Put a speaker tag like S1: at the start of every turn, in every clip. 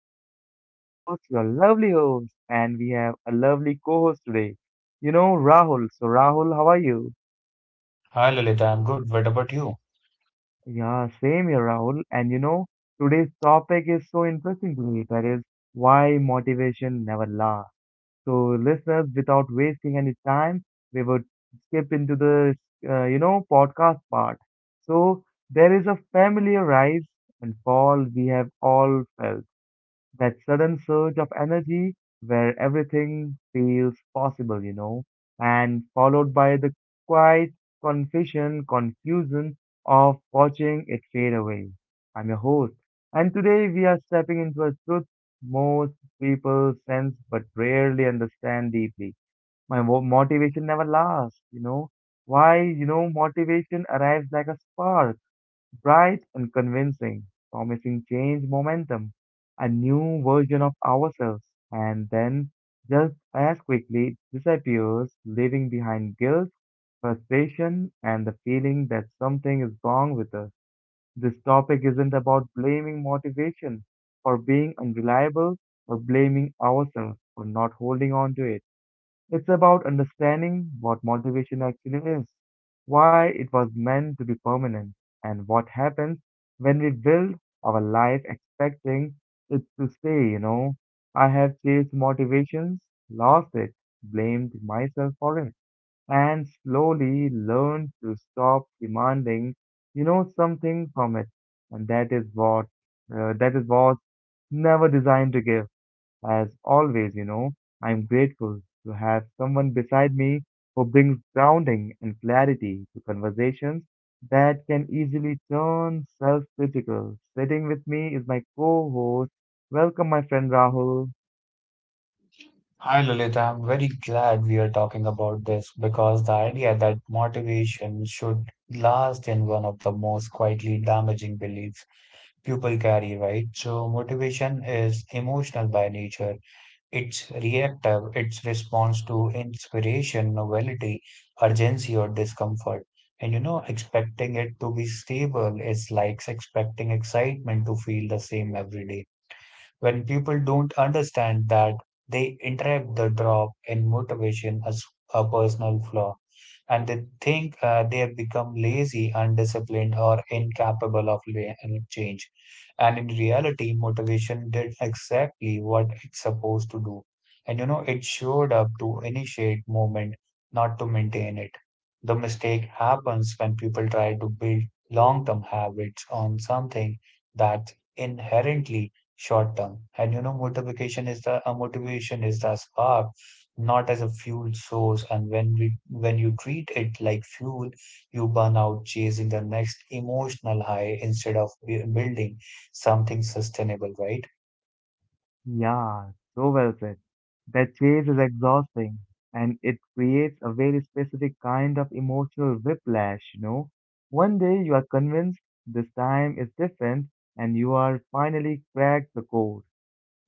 S1: Lalit, your host, your lovely host, and we have a lovely co-host today, Rahul. So, Rahul, how are you?
S2: Hi Lalita, I'm good. What about you?
S1: Yeah, same here, Rahul. And today's topic is so interesting to me. That is why motivation never lasts. So, listeners, without wasting any time, we would skip into the podcast part. So, there is a familiar rise and fall we have all felt, that sudden surge of energy where everything feels possible, you know, and followed by the quiet confession, confusion of watching it fade away. I'm your host, and today we are stepping into a truth most people sense but rarely understand deeply. My motivation never lasts, you know. Why, you know, motivation arrives like a spark, bright and convincing, promising change momentum, a new version of ourselves, and then just as quickly disappears, leaving behind guilt, frustration, and the feeling that something is wrong with us. This topic isn't about blaming motivation for being unreliable or blaming ourselves for not holding on to it. It's about understanding what motivation actually is, why it was meant to be permanent, and what happens when we build our life expecting it to stay, you know. I have chased motivations, lost it, blamed myself for it, and slowly learned to stop demanding, you know, something from it. And that is what never designed to give. As always, you know, I'm grateful to have someone beside me who brings grounding and clarity to conversations that can easily turn self-critical. Sitting with me is my co-host. Welcome, my friend Rahul.
S2: Hi Lalita, I'm very glad we are talking about this because the idea that motivation should last in one of the most quietly damaging beliefs people carry, right? So motivation is emotional by nature. It's reactive, it's response to inspiration, novelty, urgency, or discomfort. And you know, expecting it to be stable is like expecting excitement to feel the same every day. When people don't understand that they interrupt the drop in motivation as a personal flaw and they think they have become lazy, undisciplined, or incapable of change. And in reality, motivation did exactly what it's supposed to do. And you know, it showed up to initiate movement, not to maintain it. The mistake happens when people try to build long term habits on something that's inherently short term. And you know, motivation is the spark, not as a fuel source. And when you treat it like fuel, you burn out chasing the next emotional high instead of building something sustainable, right?
S1: Yeah, so well said. That chase is exhausting and it creates a very specific kind of emotional whiplash, you know. One day you are convinced this time is different and you are finally cracked the code,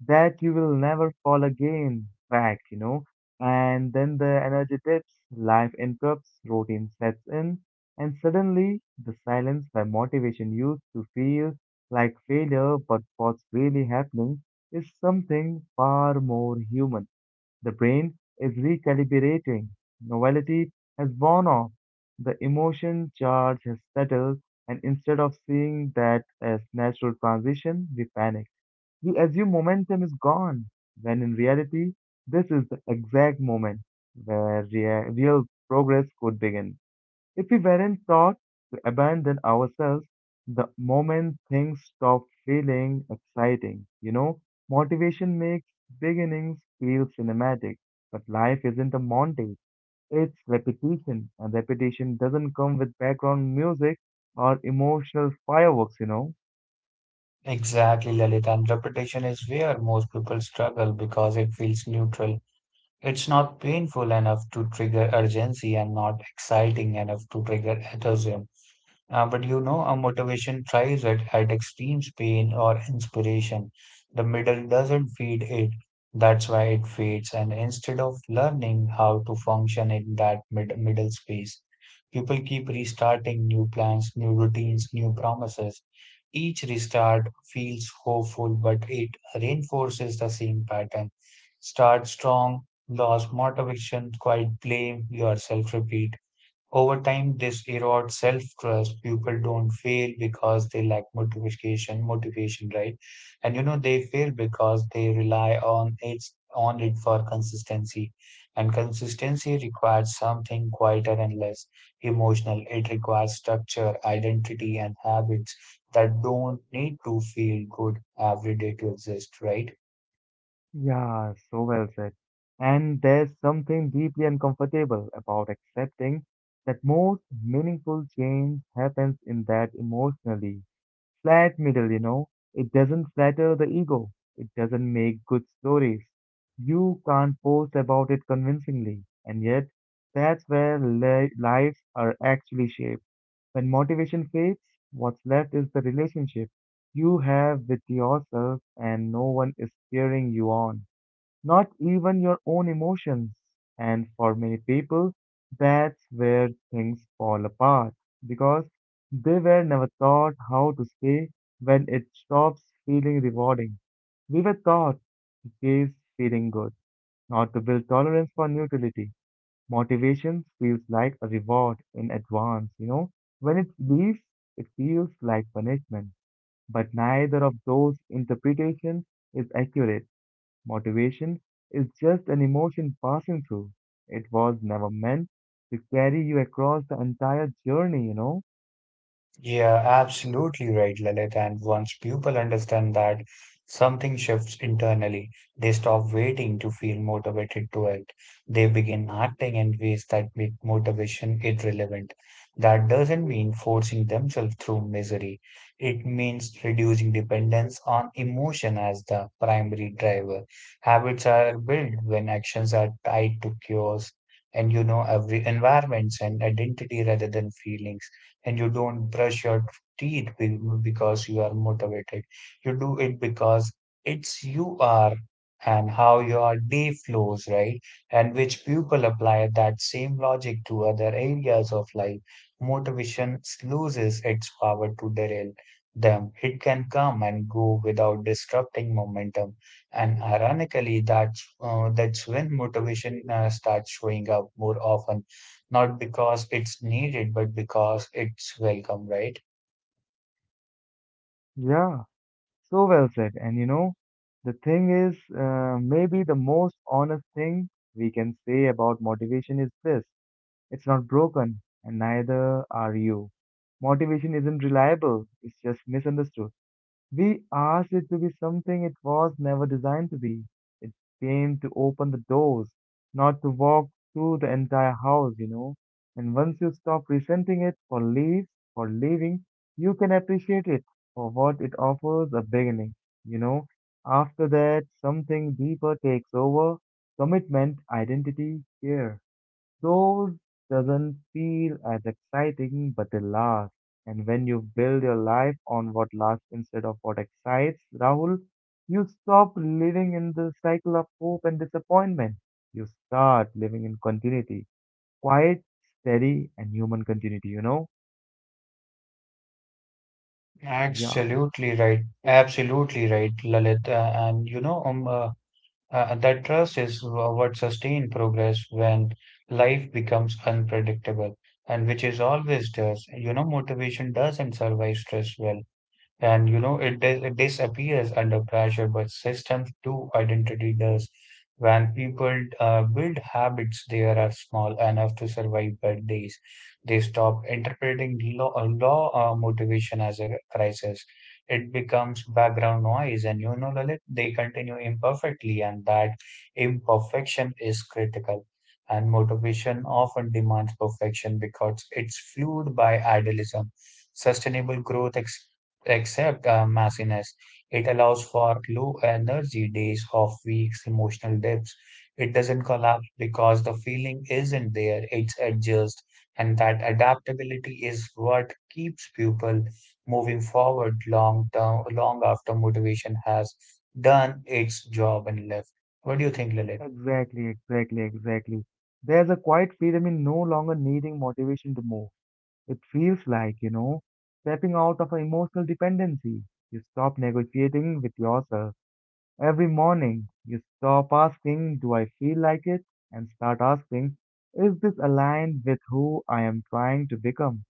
S1: that you will never fall again back, you know. And then the energy dips, life interrupts, routine sets in, and suddenly the silence where motivation used to feel like failure, but what's really happening is something far more human. The brain is recalibrating, novelty has worn off, the emotion charge has settled, and instead of seeing that as natural transition, we panic. We assume momentum is gone, when in reality, this is the exact moment where real progress could begin, if we weren't taught to abandon ourselves the moment things stop feeling exciting. You know, motivation makes beginnings feel cinematic. But life isn't a montage, it's repetition, and repetition doesn't come with background music or emotional fireworks, you know.
S2: Exactly, Lalit. And repetition is where most people struggle because it feels neutral. It's not painful enough to trigger urgency and not exciting enough to trigger enthusiasm. But you know, a motivation thrives at extremes pain or inspiration. The middle doesn't feed it. That's why it fades. And instead of learning how to function in that middle space, people keep restarting new plans, new routines, new promises. Each restart feels hopeful, but it reinforces the same pattern. Start strong, lose motivation, quite blame yourself, repeat. Over time, this erodes self-trust. People don't fail because they lack motivation, right? And you know, they fail because they rely on it for consistency. And consistency requires something quieter and less emotional. It requires structure, identity, and habits that don't need to feel good every day to exist, right?
S1: Yeah, so well said. And there's something deeply uncomfortable about accepting that most meaningful change happens in that emotionally flat middle, you know. It doesn't flatter the ego, it doesn't make good stories. You can't post about it convincingly, and yet that's where li lives are actually shaped. When motivation fades, what's left is the relationship you have with yourself, and no one is cheering you on, not even your own emotions. And for many people, that's where things fall apart because they were never taught how to stay when it stops feeling rewarding. We were taught to chase feeling good, not to build tolerance for neutrality. Motivation feels like a reward in advance, you know. When it leaves, it feels like punishment. But neither of those interpretations is accurate. Motivation is just an emotion passing through. It was never meant to carry you across the entire journey, you know?
S2: Yeah, absolutely right, Lalit. And once people understand that, something shifts internally. They stop waiting to feel motivated to act. They begin acting in ways that make motivation irrelevant. That doesn't mean forcing themselves through misery. It means reducing dependence on emotion as the primary driver. Habits are built when actions are tied to cures and you know every environments and identity rather than feelings, and you don't brush your teeth because you are motivated. You do it because it's you are and how your day flows, right? And which people apply that same logic to other areas of life. Motivation loses its power to derail them. It can come and go without disrupting momentum. And ironically, that's when motivation starts showing up more often not because it's needed, but because it's welcome, right?
S1: Yeah, so well said. And you know, the thing is, maybe the most honest thing we can say about motivation is this: it's not broken, and neither are you. Motivation isn't reliable, it's just misunderstood. We asked it to be something it was never designed to be. It came to open the doors, not to walk through the entire house, you know. And once you stop resenting it for leaves, for leaving, you can appreciate it for what it offers, a beginning, you know. After that, something deeper takes over: commitment, identity, care. Those doesn't feel as exciting, but they last. And when you build your life on what lasts instead of what excites, Rahul, you stop living in the cycle of hope and disappointment. You start living in continuity, quiet, steady, and human continuity, you know? Yeah,
S2: Absolutely right. Absolutely right, Lalit. And you know, that trust is what sustains progress when life becomes unpredictable, and which is always does. You know, motivation doesn't survive stress well, and you know it, it disappears under pressure but systems do identity does. When people build habits they are small enough to survive bad days they stop interpreting law, law motivation as a crisis. It becomes background noise and you know Lalit, they continue imperfectly and that imperfection is critical and motivation often demands perfection because it's fueled by idealism sustainable growth. Except messiness, it allows for low energy days of weeks, emotional dips. It doesn't collapse because the feeling isn't there, it's adjust. And that adaptability is what keeps people moving forward long term, long after motivation has done its job and left. What do you think, Lily?
S1: exactly. There's a quiet freedom in no longer needing motivation to move. It feels like, you know, stepping out of an emotional dependency. You stop negotiating with yourself. Every morning, you stop asking, "Do I feel like it?" and start asking, "Is this aligned with who I am trying to become?"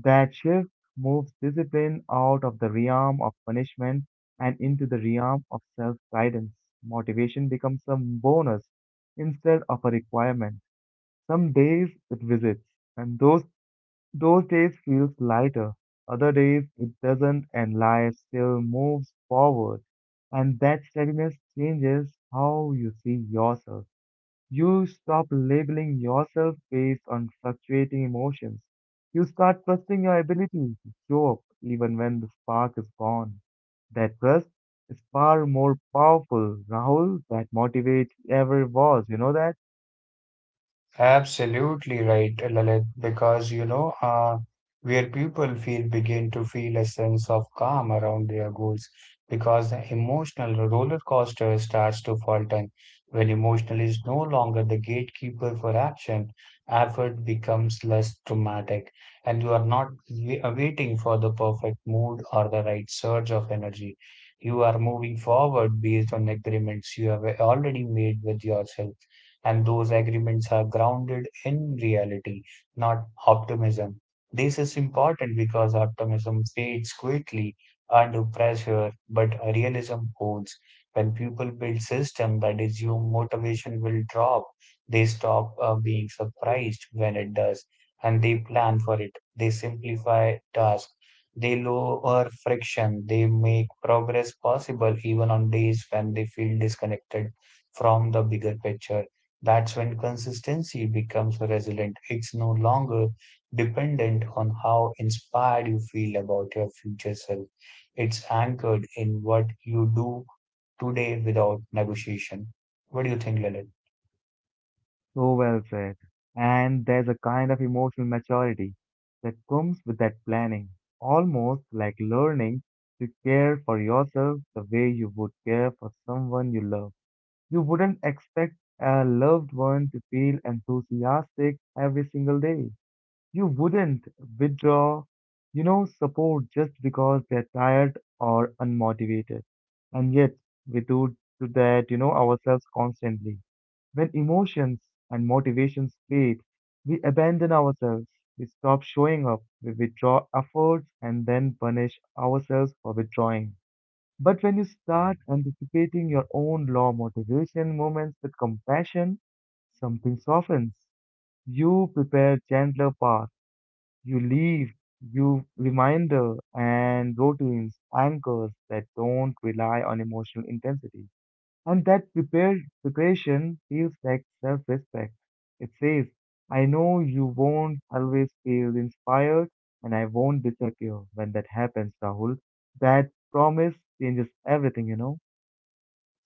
S1: That shift moves discipline out of the realm of punishment and into the realm of self guidance. Motivation becomes a bonus instead of a requirement. Some days it visits, and those days feels lighter, other days it doesn't, and life still moves forward. And that steadiness changes how you see yourself. You stop labeling yourself based on fluctuating emotions. You start trusting your ability to show up even when the spark is gone. That trust is far more powerful, Rahul, that motivates ever was. You know that?
S2: Absolutely right, Lalit, because you know, where people feel begin to feel a sense of calm around their goals, because the emotional roller coaster starts to falter when emotional is no longer the gatekeeper for action, effort becomes less dramatic, and you are not waiting for the perfect mood or the right surge of energy. You are moving forward based on agreements you have already made with yourself and those agreements are grounded in reality, not optimism. This is important because optimism fades quickly under pressure, but realism holds. When people build systems that assume motivation will drop, they stop being surprised when it does, and they plan for it. They simplify tasks. They lower friction. They make progress possible even on days when they feel disconnected from the bigger picture. That's when consistency becomes resilient. It's no longer dependent on how inspired you feel about your future self. It's anchored in what you do today without negotiation. What do you think, Lalit?
S1: So well said. And there's a kind of emotional maturity that comes with that planning, almost like learning to care for yourself the way you would care for someone you love. You wouldn't expect a loved one to feel enthusiastic every single day. You wouldn't withdraw, you know, support just because they're tired or unmotivated. And yet, we do to that, you know, ourselves constantly. When emotions and motivations fade, we abandon ourselves, we stop showing up, we withdraw efforts, and then punish ourselves for withdrawing. But when you start anticipating your own law motivation moments with compassion, something softens. You prepare gentler path, you leave, you reminder and routines, anchors that don't rely on emotional intensity. And that preparation feels like self respect. It says, I know you won't always feel inspired and I won't disappear when that happens, Rahul. That promise changes everything, you know?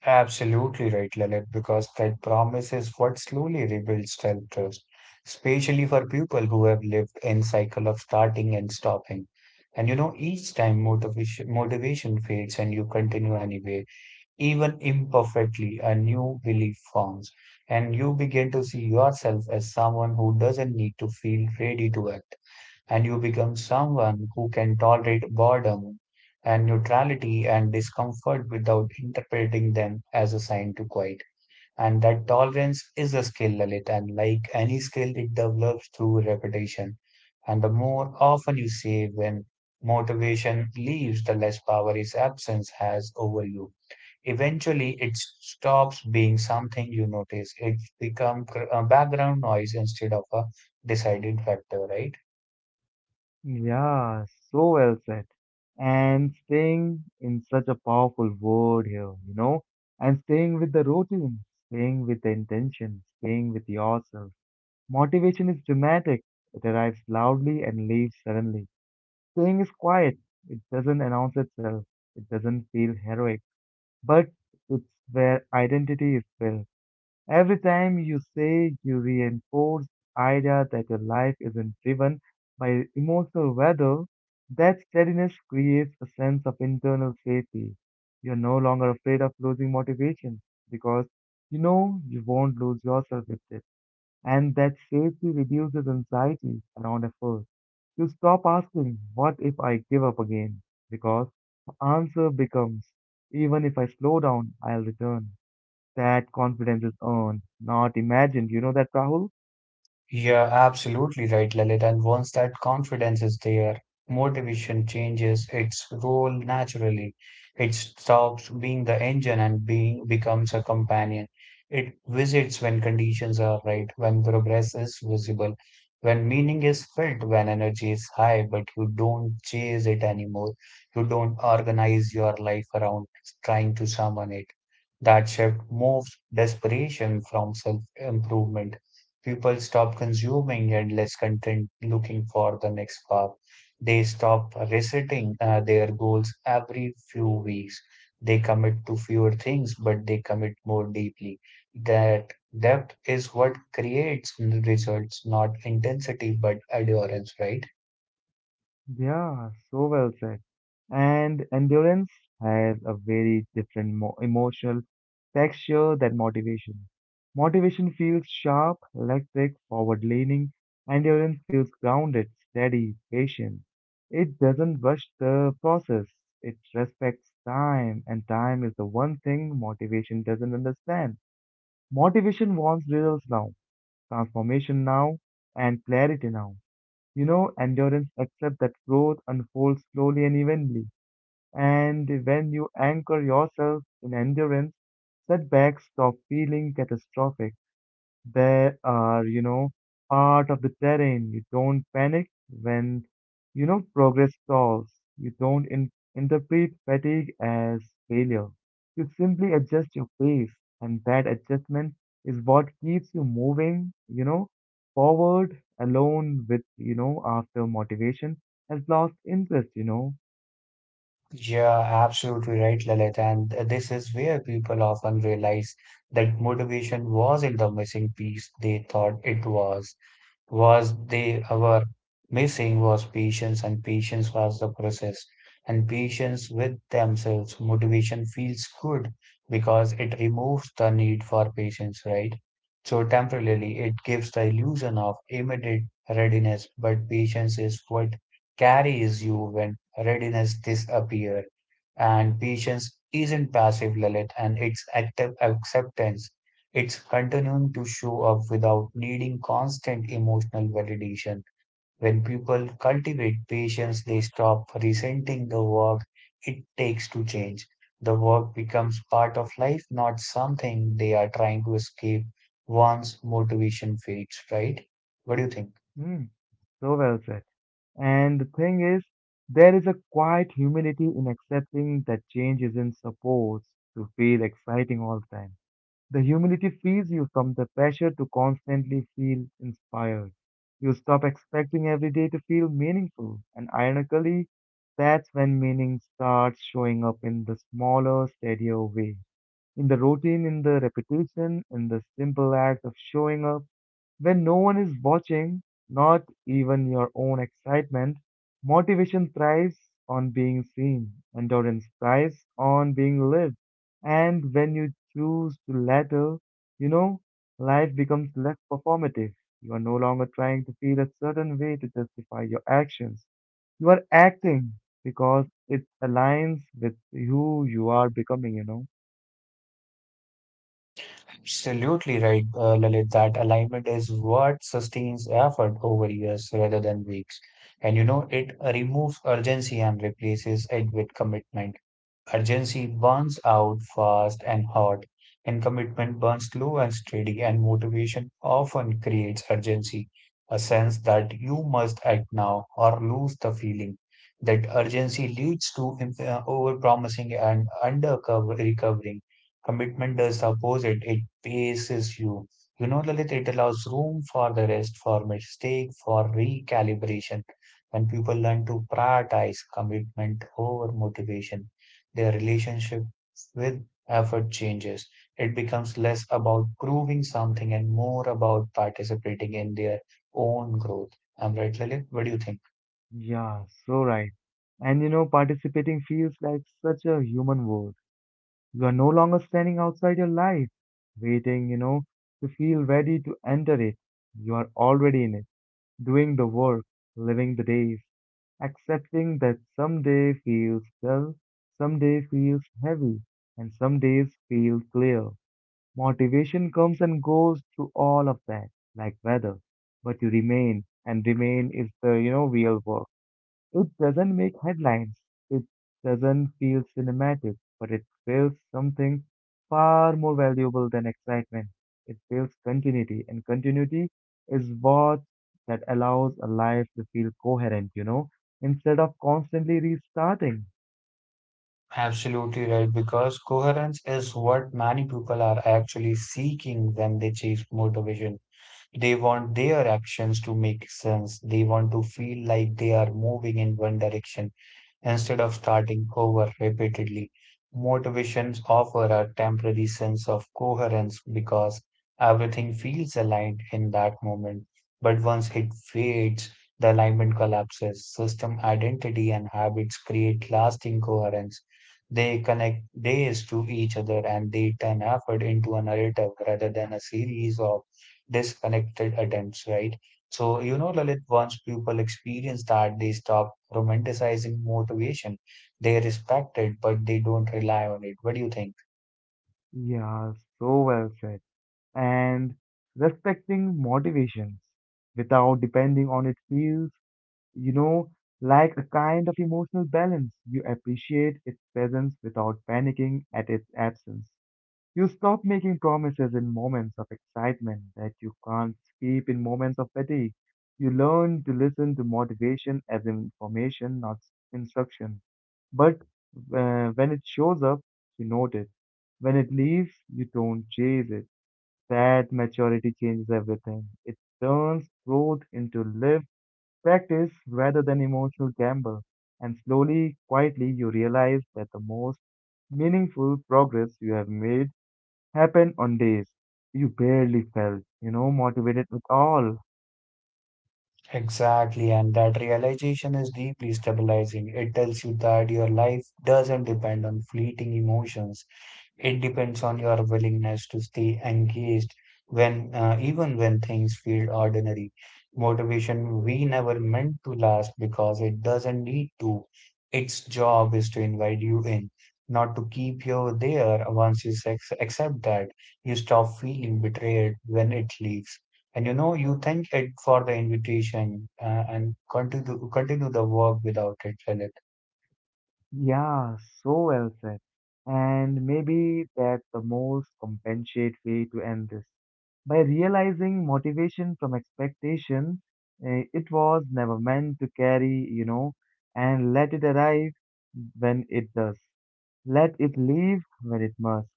S2: Absolutely right, Lalit, because that promise is what slowly rebuilds self-trust, especially for people who have lived in cycle of starting and stopping. And you know, each time motivation fades and you continue anyway even imperfectly, a new belief forms, and you begin to see yourself as someone who doesn't need to feel ready to act, and you become someone who can tolerate boredom and neutrality and discomfort without interpreting them as a sign to quit. And that tolerance is a skill, Lalit, and like any skill, it develops through repetition. And the more often you say when motivation leaves, the less power its absence has over you. Eventually, it stops being something you notice. It becomes background noise instead of a decided factor, right?
S1: Yeah, so well said. And staying in such a powerful word here, you know? And staying with the routine, staying with the intention, staying with yourself. Motivation is dramatic, it arrives loudly and leaves suddenly. Staying is quiet. It doesn't announce itself. It doesn't feel heroic. But it's where identity is built. Every time you say, you reinforce the idea that your life isn't driven by emotional weather. That steadiness creates a sense of internal safety. You're no longer afraid of losing motivation because you know you won't lose yourself with it, and that safety reduces anxiety around effort. You stop asking, "What if I give up again?" because the answer becomes, "Even if I slow down, I'll return." That confidence is earned, not imagined. You know that, Rahul?
S2: You're absolutely right, Lalit. And once that confidence is there, motivation changes its role naturally. It stops being the engine and being becomes a companion. It visits when conditions are right, when progress is visible, when meaning is felt, when energy is high, but you don't chase it anymore. You don't organize your life around trying to summon it. That shift moves desperation from self improvement, people stop consuming endless content looking for the next path. They stop resetting their goals every few weeks. They commit to fewer things, but they commit more deeply. That depth is what creates results, not intensity, but endurance, right?
S1: Yeah, so well said. And endurance has a very different mo emotional texture than motivation. Motivation feels sharp, electric, forward-leaning. Endurance feels grounded, steady, patient. It doesn't rush the process. It respects time, and time is the one thing motivation doesn't understand. Motivation wants results now, transformation now, and clarity now. You know, endurance accepts that growth unfolds slowly and evenly. And when you anchor yourself in endurance, setbacks stop feeling catastrophic. They are, you know, part of the terrain. You don't panic when, you know, progress stalls. You don't in interpret fatigue as failure. You simply adjust your pace, and that adjustment is what keeps you moving, you know, forward alone with, you know, after motivation has lost interest, you know.
S2: Yeah, absolutely right, Lalit. And this is where people often realize that motivation wasn't the missing piece they thought it was. Was they were missing was patience, and patience was the process, and patience with themselves. Motivation feels good because it removes the need for patience, right? So temporarily, it gives the illusion of immediate readiness, but patience is what carries you when readiness disappears. And patience isn't passive, Lalit, and it's active acceptance, it's continuing to show up without needing constant emotional validation. When people cultivate patience, they stop resenting the work it takes to change. The work becomes part of life, not something they are trying to escape once motivation fades, right? What do you think?
S1: Hmm. So well said. And the thing is, there is a quiet humility in accepting that change isn't supposed to feel exciting all the time. The humility frees you from the pressure to constantly feel inspired. You stop expecting every day to feel meaningful, and ironically, that's when meaning starts showing up in the smaller, steadier way. In the routine, in the repetition, in the simple act of showing up when no one is watching, not even your own excitement, motivation thrives on being seen, endurance thrives on being lived. And when you choose to latter, you know, life becomes less performative. You are no longer trying to feel a certain way to justify your actions. You are acting because it aligns with who you are becoming, you know.
S2: Absolutely right, Lalit. That alignment is what sustains effort over years rather than weeks. And you know, it removes urgency and replaces it with commitment. Urgency burns out fast and hot, and commitment burns slow and steady, and motivation often creates urgency, a sense that you must act now or lose the feeling. That urgency leads to overpromising and under-recovering. Commitment does the opposite, it paces you. You know, Lalit, it allows room for the rest, for mistake, for recalibration. When people learn to prioritize commitment over motivation, their relationship with effort changes. It becomes less about proving something and more about participating in their own growth. I'm right, Lalit? What do you think?
S1: Yeah, so right. And you know, participating feels like such a human world. You are no longer standing outside your life, waiting, you know, to feel ready to enter it. You are already in it, doing the work, living the days, accepting that some day feels dull, some day feels heavy, and some days feel clear. Motivation comes and goes through all of that, like weather, but you remain, and remain is the, you know, real work. It doesn't make headlines, it doesn't feel cinematic, but it feels something far more valuable than excitement. It feels continuity, and continuity is what that allows a life to feel coherent, instead of constantly restarting.
S2: Absolutely right, because coherence is what many people are actually seeking when they chase motivation. They want their actions to make sense. They want to feel like they are moving in one direction. Instead of starting over repeatedly, motivations offer a temporary sense of coherence because everything feels aligned in that moment. But once it fades, the alignment collapses. System identity and habits create lasting coherence. They connect days to each other and they turn effort into a narrative rather than a series of disconnected attempts, right? So, you know, Lalit, once people experience that, they stop romanticizing motivation. They respect it, but they don't rely on it. What do you think?
S1: Yeah, so well said. And respecting motivations without depending on it feels you know, like a kind of emotional balance. You appreciate its presence without panicking at its absence. You stop making promises in moments of excitement that you can't keep in moments of fatigue. You learn to listen to motivation as information, not instruction. But when it shows up, you note it. When it leaves, you don't chase it. That maturity changes everything. It turns growth into lived practice rather than emotional gamble. And slowly, quietly, you realize that the most meaningful progress you have made happened on days you barely felt motivated at all.
S2: Exactly, and that realization is deeply stabilizing. It tells you that your life doesn't depend on fleeting emotions. It depends on your willingness to stay engaged when, even when things feel ordinary. Motivation we never meant to last because it doesn't need to. Its job is to invite you in, not to keep you there. Once you accept that, you stop feeling betrayed when it leaves. And you know, you thank it for the invitation, and continue the work without it, Lalit.
S1: Yeah, so well said. And maybe that's the most compensate way to end this. By realizing motivation from expectation, it was never meant to carry, and let it arrive when it does. Let it leave when it must.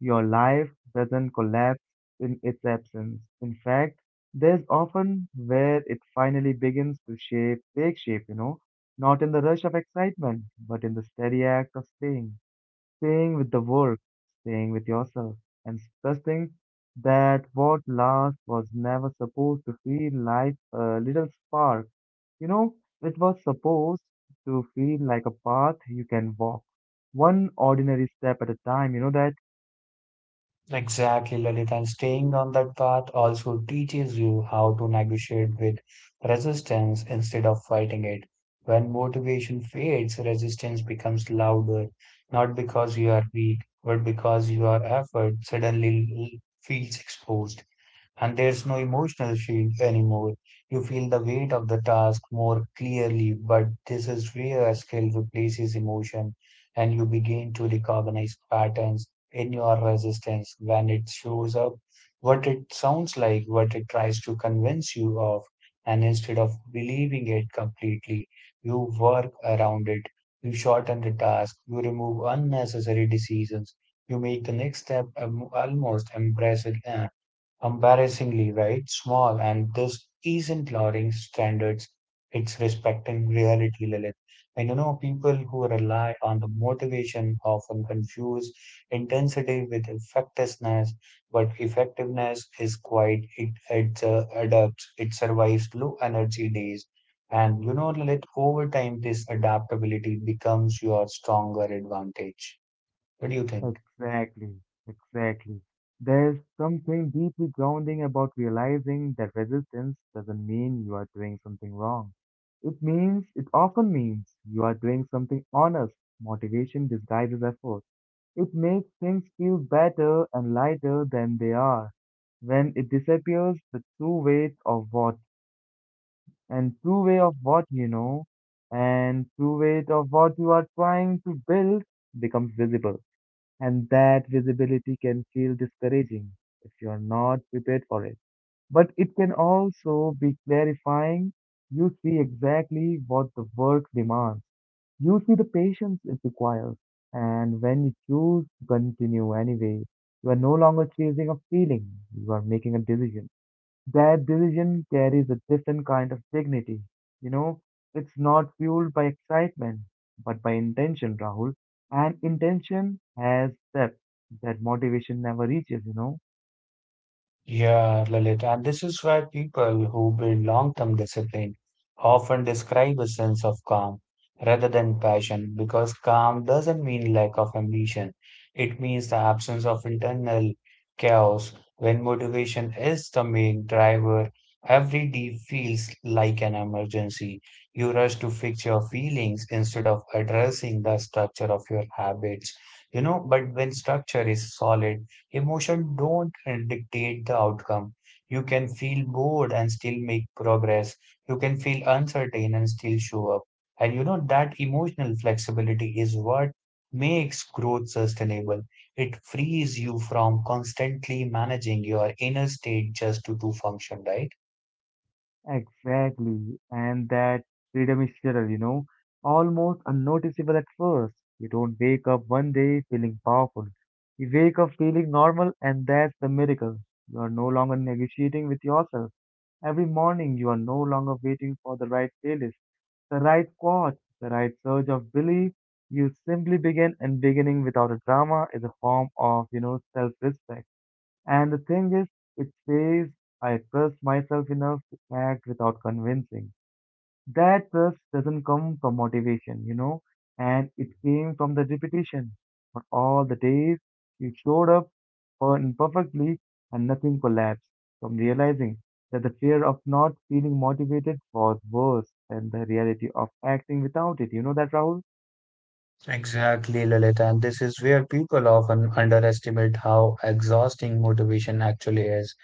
S1: Your life doesn't collapse in its absence. In fact, there's often where it finally begins to take shape, not in the rush of excitement, but in the steady act of staying with the work, staying with yourself, and trusting that what last was never supposed to feel like a little spark. You know, it was supposed to feel like a path you can walk, one ordinary step at a time. You know that?
S2: Exactly, Lalit, and staying on that path also teaches you how to negotiate with resistance instead of fighting it. When motivation fades, resistance becomes louder, not because you are weak, but because your effort suddenly l- feels exposed and there's no emotional shield anymore. You feel the weight of the task more clearly, but this is where a skill replaces emotion and you begin to recognize patterns in your resistance when it shows up, what it sounds like, what it tries to convince you of, and instead of believing it completely, you work around it. You shorten the task, you remove unnecessary decisions, you make the next step almost impressive. Embarrassingly right small, and this isn't lowering standards, it's respecting reality, Lilith. And you know, people who rely on the motivation often confuse intensity with effectiveness, but effectiveness is quite it adapts, it survives low energy days. And you know, Lilith, over time this adaptability becomes your stronger advantage. What do you think?
S1: Exactly, exactly. There's something deeply grounding about realizing that resistance doesn't mean you are doing something wrong. It often means you are doing something honest. Motivation disguises effort. It makes things feel better and lighter than they are. When it disappears, the true weight of what, and true way of what you know, and true weight of what you are trying to build becomes visible. And that visibility can feel discouraging if you're not prepared for it. But it can also be clarifying. You see exactly what the work demands. You see the patience it requires. And when you choose to continue anyway, you are no longer chasing a feeling, you are making a decision. That decision carries a different kind of dignity. You know, it's not fueled by excitement, but by intention, Rahul. And intention has depth that motivation never reaches.
S2: Yeah, Lalit, and this is why people who build long-term discipline often describe a sense of calm rather than passion, because calm doesn't mean lack of ambition. It means the absence of internal chaos. When motivation is the main driver, every day feels like an emergency. You rush to fix your feelings instead of addressing the structure of your habits. You know, but when structure is solid, emotion don't dictate the outcome. You can feel bored and still make progress. You can feel uncertain and still show up. And you know that emotional flexibility is what makes growth sustainable. It frees you from constantly managing your inner state just to do function, right?
S1: Exactly. And that freedom is subtle, almost unnoticeable at first. You don't wake up one day feeling powerful. You wake up feeling normal, and that's the miracle. You are no longer negotiating with yourself. Every morning, you are no longer waiting for the right playlist, the right quote, the right surge of belief. You simply begin, and beginning without a drama is a form of self-respect. And the thing is, it says I trust myself enough to act without convincing. That trust doesn't come from motivation, and it came from the repetition. For all the days you showed up for imperfectly and nothing collapsed from realizing that the fear of not feeling motivated was worse than the reality of acting without it. You know that, Rahul?
S2: Exactly, Lalita. And this is where people often underestimate how exhausting motivation actually is.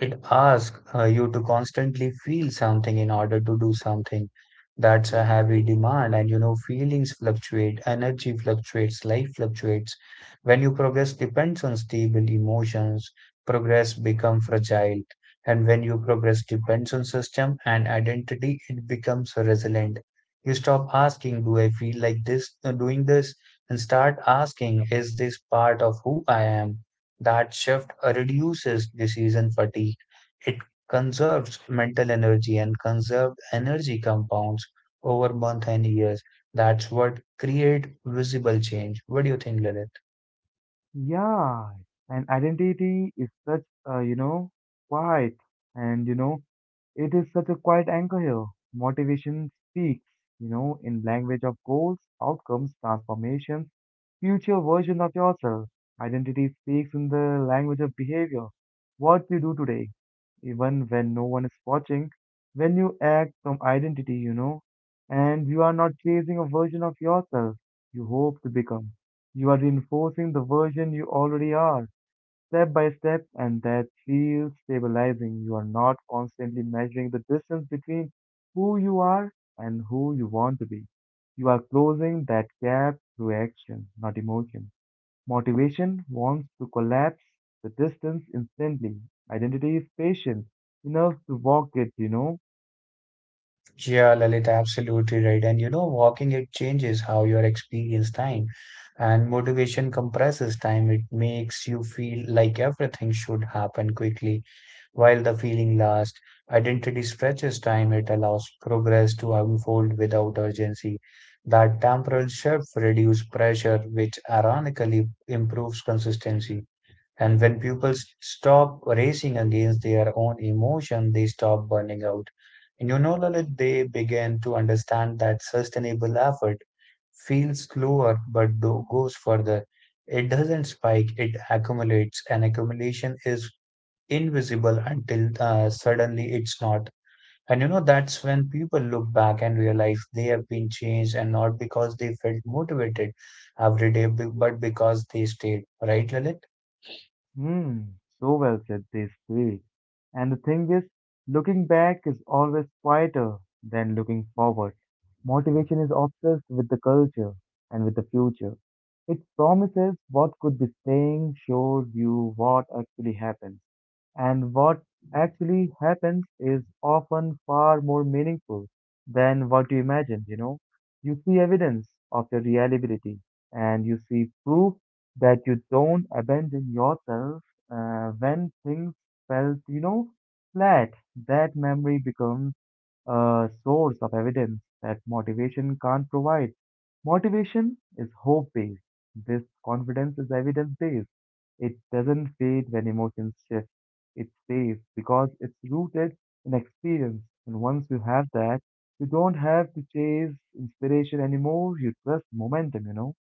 S2: It asks you to constantly feel something in order to do something. That's a heavy demand, and you know, feelings fluctuate, energy fluctuates, life fluctuates. When you progress depends on stable emotions, progress become fragile. And when you progress depends on system and identity, it becomes resilient. You stop asking, do I feel like this doing this? And start asking, is this part of who I am? That shift reduces decision fatigue. It conserves mental energy, and conserved energy compounds over months and years. That's what create visible change. What do you think, Lilith?
S1: Yeah. And identity is such a quiet and it is such a quiet anchor here. Motivation speaks, in language of goals, outcomes, transformations, future version of yourself. Identity speaks in the language of behavior. What you do today, even when no one is watching, when you act from identity, and you are not chasing a version of yourself you hope to become. You are reinforcing the version you already are step by step, and that feels stabilizing. You are not constantly measuring the distance between who you are and who you want to be. You are closing that gap through action, not emotion. Motivation wants to collapse the distance instantly. Identity is patient enough to walk it.
S2: Yeah, Lalit, absolutely right. And you know, walking it changes how you experience time, and motivation compresses time. It makes you feel like everything should happen quickly while the feeling lasts. Identity stretches time. It allows progress to unfold without urgency. That temporal shift reduces pressure, which ironically improves consistency. And when people stop racing against their own emotion, they stop burning out. And you know, Lalit, they begin to understand that sustainable effort feels slower but goes further. It doesn't spike, it accumulates, and accumulation is invisible until suddenly it's not. And you know, that's when people look back and realize they have been changed, and not because they felt motivated every day, but because they stayed. Right, Lalit?
S1: Hmm, so well said, they speak. And the thing is, looking back is always quieter than looking forward. Motivation is obsessed with the culture and with the future. It promises what could be staying, shows you what actually happens. And what actually happens is often far more meaningful than what you imagined, you know. You see evidence of your reliability and you see proof that you don't abandon yourself when things felt flat. That memory becomes a source of evidence that motivation can't provide. Motivation is hope based. This confidence is evidence based. It doesn't fade when emotions shift. It stays because it's rooted in experience. And once you have that, you don't have to chase inspiration anymore. You trust momentum.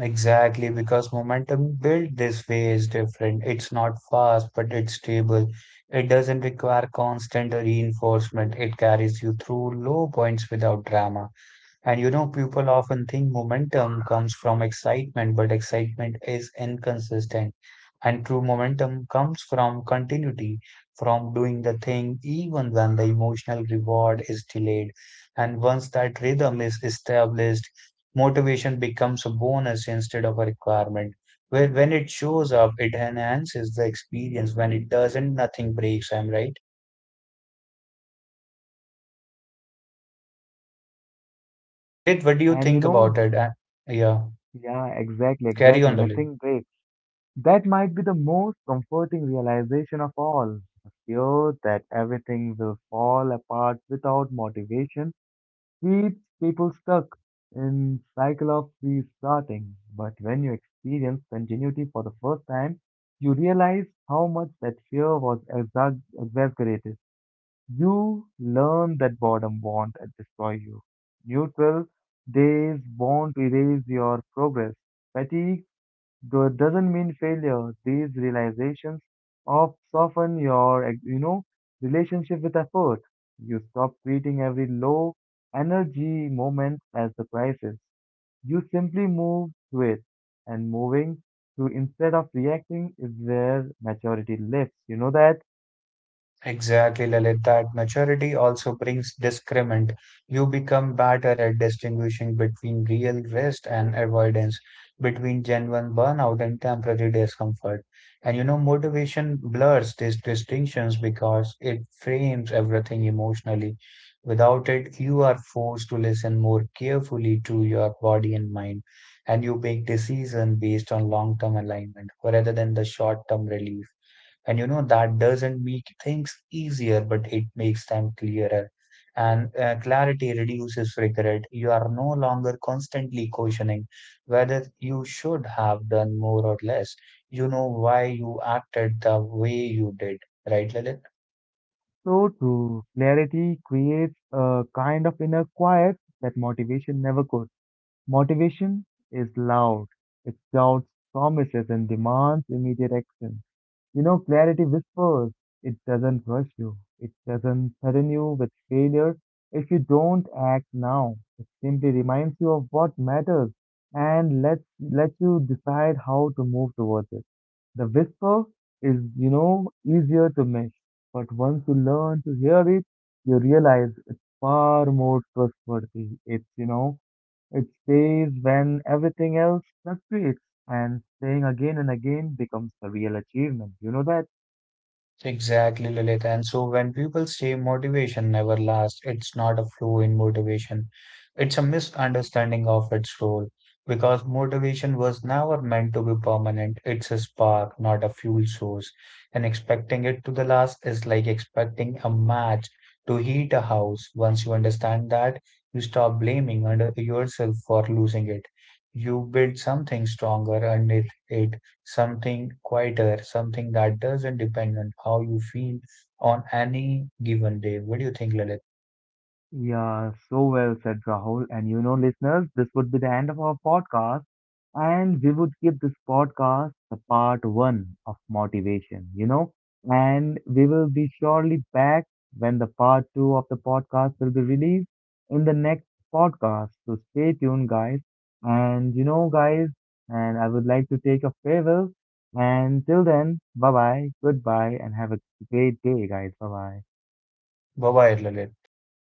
S2: Exactly, because momentum built this way is different. It's not fast, but it's stable. It doesn't require constant reinforcement. It carries you through low points without drama. And you know, people often think momentum comes from excitement, but excitement is inconsistent. And true momentum comes from continuity, from doing the thing even when the emotional reward is delayed. And once that rhythm is established, motivation becomes a bonus instead of a requirement. Where when it shows up, it enhances the experience. When it doesn't, nothing breaks. I'm right. Lalit, what do you
S1: And you
S2: think about
S1: know,
S2: it? Yeah,
S1: Yeah, exactly,
S2: carry
S1: exactly.
S2: on, Lalit.
S1: Nothing breaks. That might be the most comforting realization of all. The fear that everything will fall apart without motivation keeps people stuck in cycle of restarting. But when you experience continuity for the first time, you realize how much that fear was exaggerated. You learn that boredom won't destroy you. Neutral days won't erase your progress. Fatigue though it doesn't mean failure, these realizations of soften your relationship with effort. You stop treating every low energy moment as a crisis. You simply move through it, and moving through instead of reacting is where maturity lives. You know that?
S2: Exactly, Lalit. That maturity also brings discernment. You become better at distinguishing between real risk and avoidance, between genuine burnout and temporary discomfort. And you know, motivation blurs these distinctions because it frames everything emotionally. Without it, you are forced to listen more carefully to your body and mind, and you make decisions based on long-term alignment rather than the short-term relief. And you know that doesn't make things easier, but it makes them clearer. And clarity reduces regret. You are no longer constantly questioning whether you should have done more or less. You know why you acted the way you did, right, Lalit?
S1: So true. Clarity creates a kind of inner quiet that motivation never could. Motivation is loud. It shouts promises and demands immediate action. You know, clarity whispers. It doesn't rush you. It doesn't threaten you with failure. If you don't act now, it simply reminds you of what matters and let you decide how to move towards it. The whisper is, easier to miss, but once you learn to hear it, you realize it's far more trustworthy. It's days when everything else fluctuates, and staying again and again becomes the real achievement. You know that?
S2: Exactly, Lilith. And so when people say motivation never lasts, it's not a flaw in motivation. It's a misunderstanding of its role, because motivation was never meant to be permanent. It's a spark, not a fuel source. And expecting it to the last is like expecting a match to heat a house. Once you understand that, you stop blaming under yourself for losing it. You build something stronger underneath it, something quieter, something that doesn't depend on how you feel on any given day. What do you think, Lalit?
S1: Yeah, so well said, Rahul. Listeners, this would be the end of our podcast. And we would give this podcast the part one of motivation, and we will be surely back when the part two of the podcast will be released in the next podcast. So stay tuned, guys. Guys, and I would like to take a farewell. And till then, bye bye, goodbye, and have a great day, guys. Bye bye.
S2: Bye bye, Lalit. Take care.